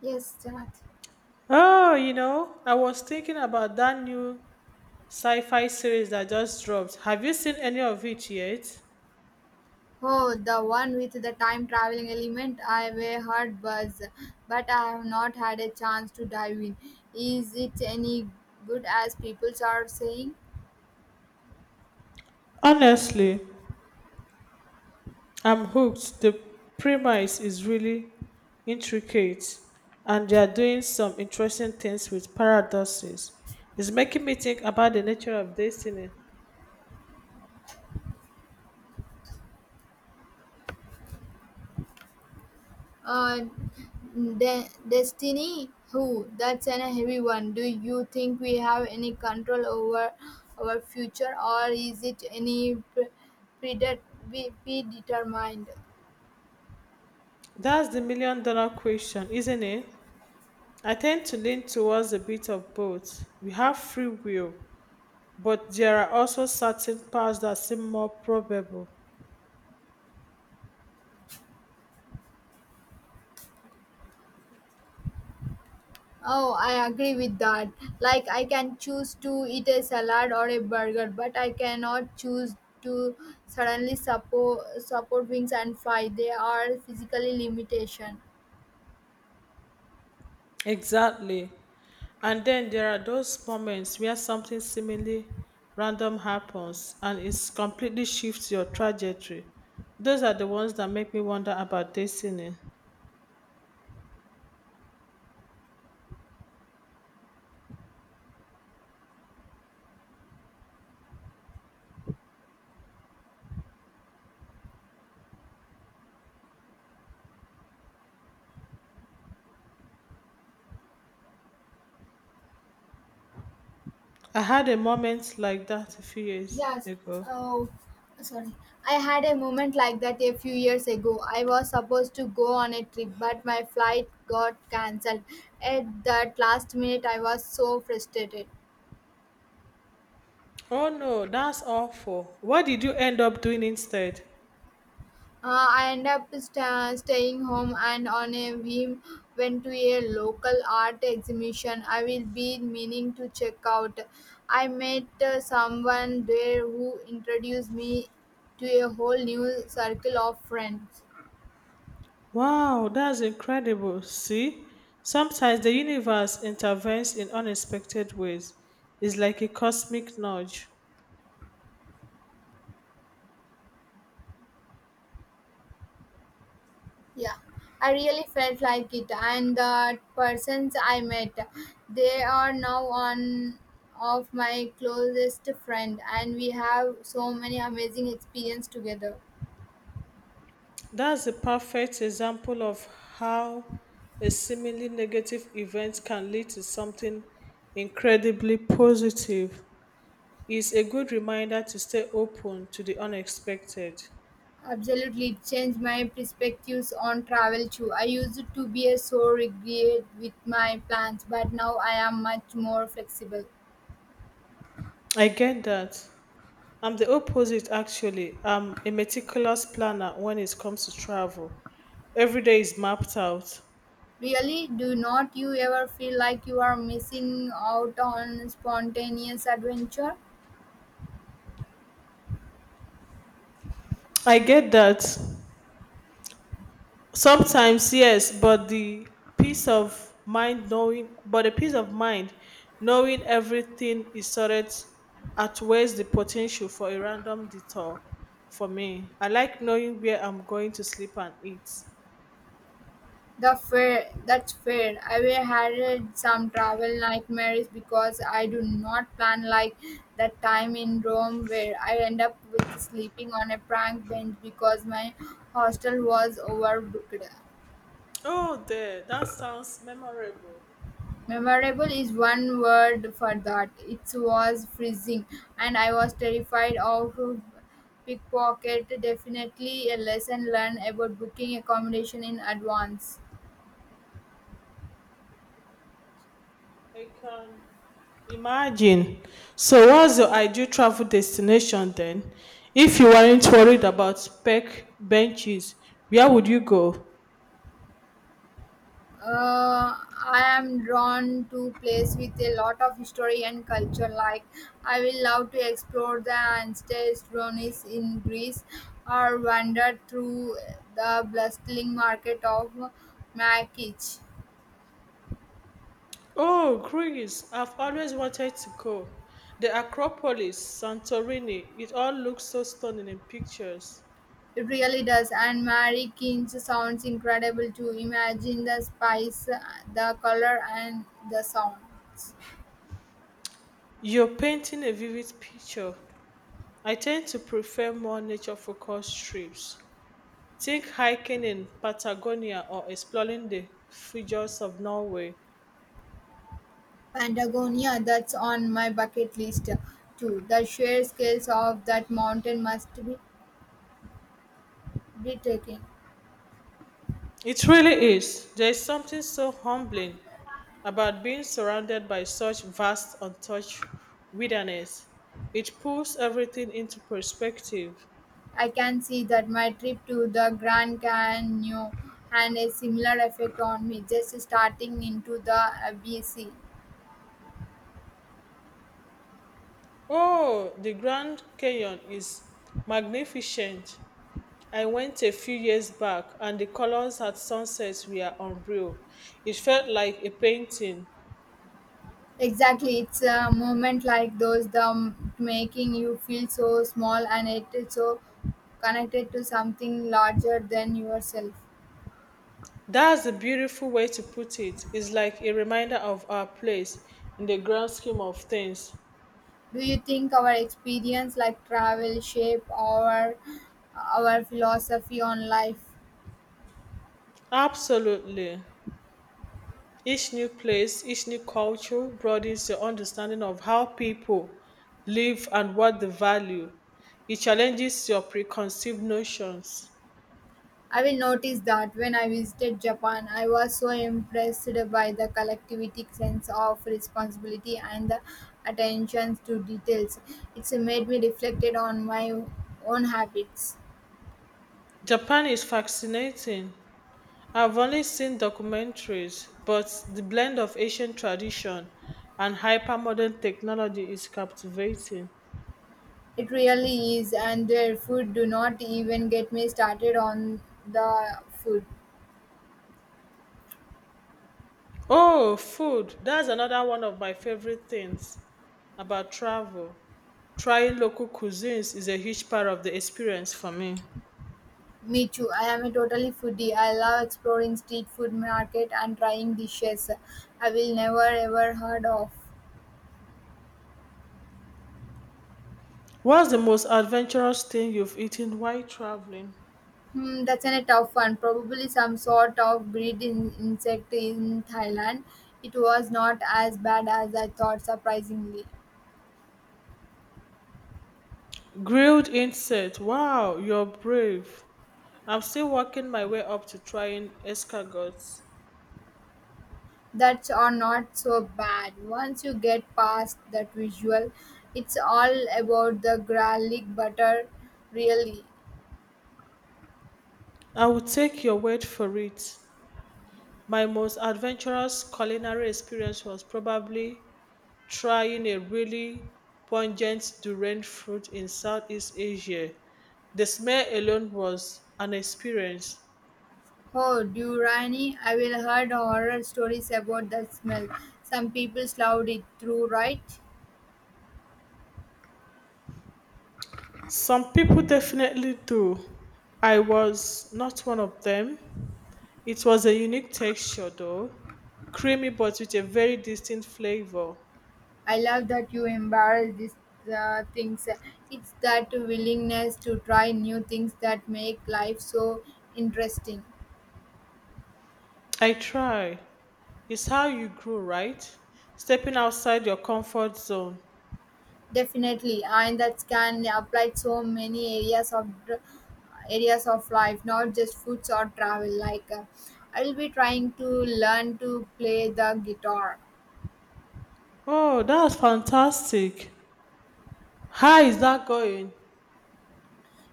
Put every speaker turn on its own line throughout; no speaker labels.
Yes, that.
Oh, you know, I was thinking about that new sci-fi series that just dropped. Have you seen any of it yet?
Oh, the one with the time traveling element. I've heard buzz, but I have not had a chance to dive in. Is it any good as people are saying?
Honestly, I'm hooked. The premise is really intricate and they are doing some interesting things with paradoxes. It's making me think about the nature of destiny.
Uh, Destiny? Who? That's an heavy one. Do you think we have any control over our future, or is it any predet- predetermined?
That's the million dollar question, isn't it? I tend to lean towards a bit of both. We have free will, but there are also certain paths that seem more probable.
Oh, I agree with that. Like, I can choose to eat a salad or a burger, but I cannot choose to suddenly support wings and fry. They are physically limitation.
Exactly. And then there are those moments where something seemingly random happens and it completely shifts your trajectory. Those are the ones that make me wonder about destiny. I had a moment like that a few years
Yes.
ago.
Oh, sorry. I had a moment like that a few years ago. I was supposed to go on a trip, but my flight got cancelled. At that last minute, I was so frustrated.
Oh no, that's awful. What did you end up doing instead?
I end up staying home and on a whim went to a local art exhibition I will be meaning to check out. I met someone there who introduced me to a whole new circle of friends.
Wow, that's incredible. See, sometimes the universe intervenes in unexpected ways. It's like a cosmic nudge.
Yeah, I really felt like it, and the persons I met, they are now one of my closest friend, and we have so many amazing experience together.
That's a perfect example of how a seemingly negative event can lead to something incredibly positive. It's a good reminder to stay open to the unexpected.
Absolutely, it changed my perspectives on travel too. I used to be so rigid with my plans, but now I am much more flexible.
I get that. I'm the opposite, actually. I'm a meticulous planner when it comes to travel. Every day is mapped out.
Really, do not you ever feel like you are missing out on spontaneous adventure?
I get that. Sometimes, yes, but the peace of mind knowing, but the peace of mind knowing everything is sorted outweighs the potential for a random detour for me. I like knowing where I'm going to sleep and eat.
The fair, that's fair. I will had some travel nightmares because I do not plan like that time in Rome where I end up with sleeping on a prank bench because my hostel was overbooked.
Oh, there. That sounds memorable.
Memorable is one word for that. It was freezing, and I was terrified of pickpocket. Definitely a lesson learned about booking accommodation in advance.
I can imagine. So, what's your ideal travel destination then? If you weren't worried about park benches, where would you go?
Uh, I am drawn to place with a lot of history and culture. Like I will love to explore the ancient ruins in Greece, or wander through the bustling market of Makich.
Oh, Greece. I've always wanted to go. The Acropolis, Santorini, it all looks so stunning in pictures.
It really does, and Mary King's sounds incredible too. Imagine the spice, the color, and the sounds.
You're painting a vivid picture. I tend to prefer more nature focused trips. Think hiking in Patagonia or exploring the fjords of Norway.
Patagonia, that's on my bucket list too. The sheer scales of that mountain must be breathtaking.
It really is. There is something so humbling about being surrounded by such vast, untouched wilderness. It pulls everything into perspective.
I can see that my trip to the Grand Canyon had a similar effect on me, just starting into the ABC.
Oh, the Grand Canyon is magnificent. I went a few years back, and the colors at sunset were unreal. It felt like a painting.
Exactly, it's a moment like those the making you feel so small and it is so connected to something larger than yourself.
That's a beautiful way to put it. It's like a reminder of our place in the grand scheme of things.
Do you think our experience like travel shape our philosophy on life?
Absolutely. Each new place, each new culture broadens your understanding of how people live and what they value. It challenges your preconceived notions.
I will notice that when I visited Japan, I was so impressed by the collectivity sense of responsibility and the attention to details. It's made me reflected on my own habits.
Japan is fascinating. I've only seen documentaries, but the blend of ancient tradition and hypermodern technology is captivating.
It really is, and their food do not even get me started on the food.
Oh, food. That's another one of my favorite things about travel. Trying local cuisines is a huge part of the experience for me.
Me too. I am a totally foodie. I love exploring street food market and trying dishes I will never ever heard of.
What's the most adventurous thing you've eaten while traveling?
Hmm, a tough one. Probably some sort of breed in, insect in Thailand. It was not as bad as I thought, surprisingly.
Grilled insect. Wow, you're brave. I'm still working my way up to trying escargots.
That's are not so bad. Once you get past that visual, it's all about the garlic butter, really.
I will take your word for it. My most adventurous culinary experience was probably trying a really pungent durian fruit in Southeast Asia. The smell alone was an experience.
Oh, Durani, I will heard horror stories about the smell. Some people slowed it through, right?
Some people definitely do. I was not one of them. It was a unique texture though, creamy but with a very distinct flavor.
I love that you embrace these things. It's that willingness to try new things that make life so interesting.
I try. It's how you grow, right? Stepping outside your comfort zone.
Definitely, and that can apply to so many areas of areas of life, not just foods or travel. Like I'll be trying to learn to play the guitar.
Oh, that's fantastic. How is that going?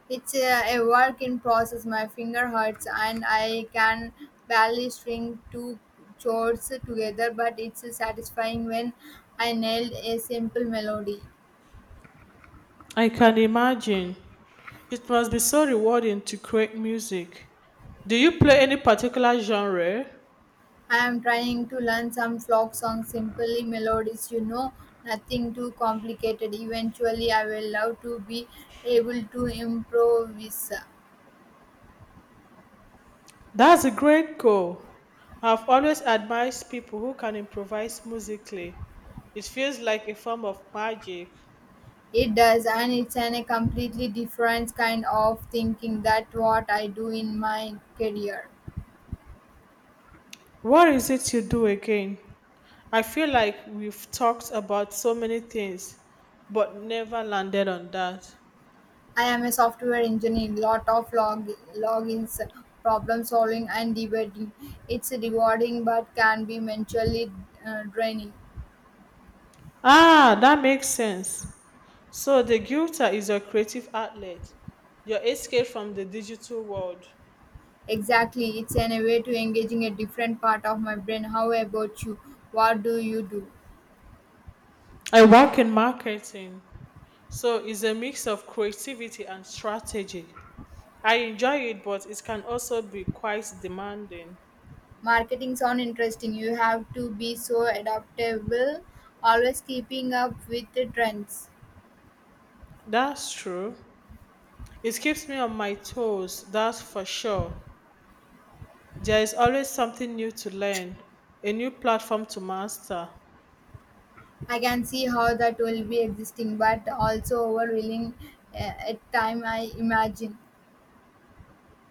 A work in process. My finger hurts, and I can barely string two chords together. But it's satisfying when I nailed a simple melody.
I can imagine. It must be so rewarding to create music. Do you play any particular genre?
I am trying to learn some folk songs, simply melodies, you know, nothing too complicated. Eventually, I will love to be able to improvise.
That's a great goal. I've always admired people who can improvise musically. It feels like a form of magic.
It does, and a completely different kind of thinking that what I do in my career.
What is it you do again? I feel like we've talked about so many things, but never landed on that.
I am a software engineer, lot of logins, problem solving, and debating. It's rewarding but can be mentally draining.
Ah, that makes sense. So the guitar is your creative outlet, your escape from the digital world.
Exactly, a way to engaging a different part of my brain. How about you? What do you do?
I work in marketing, so it's a mix of creativity and strategy. I enjoy it, but it can also be quite demanding.
Marketing sound interesting. You have to be so adaptable, always keeping up with the trends.
That's true. It keeps me on my toes, that's for sure. There is always something new to learn, a new platform to master.
I can see how that will be existing, but also overwhelming at time. I imagine.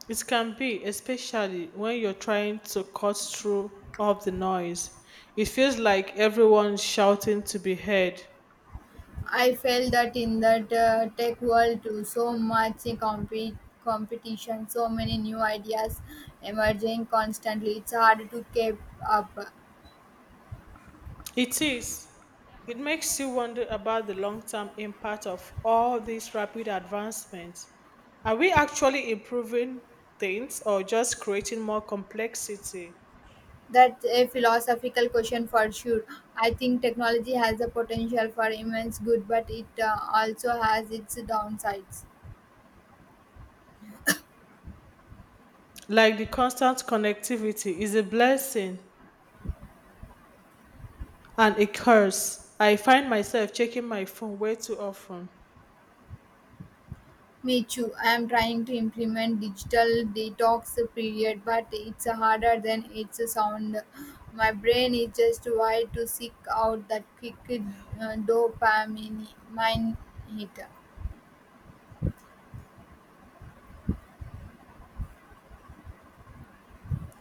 It can be, especially when you're trying to cut through all of the noise. It feels like everyone's shouting to be heard.
I felt that in that tech world too, so much compete competition, so many new ideas emerging constantly. It's hard to keep up.
It is. It makes you wonder about the long term impact of all these rapid advancements. Are we actually improving things or just creating more complexity?
That's a philosophical question for sure. I think technology has the potential for immense good, but it also has its downsides.
Like the constant connectivity is a blessing and a curse. I find myself checking my phone way too often.
Me too. I am trying to implement digital detox period, but it's harder than it's sound. My brain is just wired to seek out that quick dopamine mine hit.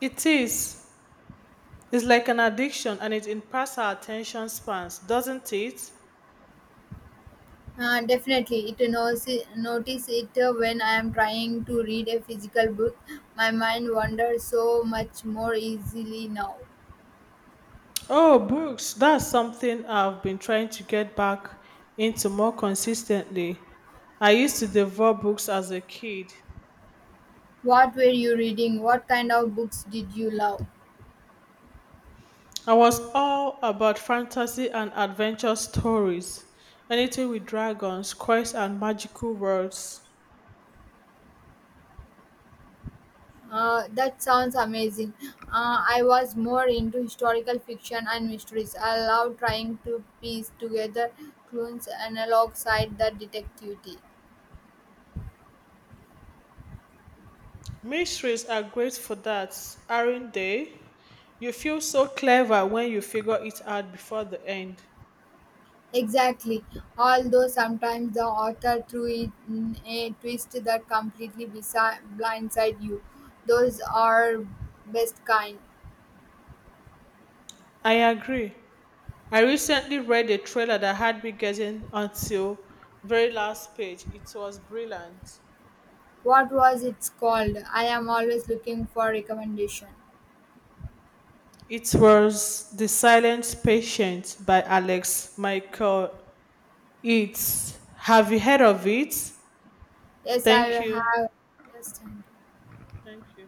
It is. It's like an addiction and it impacts our attention spans, doesn't it?
Definitely, it knows notice it when I am trying to read a physical book. My mind wanders so much more easily now.
Oh, books. That's something I've been trying to get back into more consistently. I used to devour books as a kid.
What were you reading? What kind of books did you love?
I was all about fantasy and adventure stories, anything with dragons, quests, and magical worlds.
That sounds amazing. I was more into historical fiction and mysteries. I love trying to piece together clues and alongside the detective.
Mysteries are great for that, aren't they? You feel so clever when you figure it out before the end.
Exactly. Although sometimes the author threw it in a twist that completely blindsides you. Those are best kind.
I agree. I recently read a trailer that had me getting until very last page. It was brilliant.
What was it called? I am always looking for recommendation.
It was The Silent Patient by Alex Michael. It's, have you heard of it?
Yes, I
Thank you.
have. Yes,
Thank you.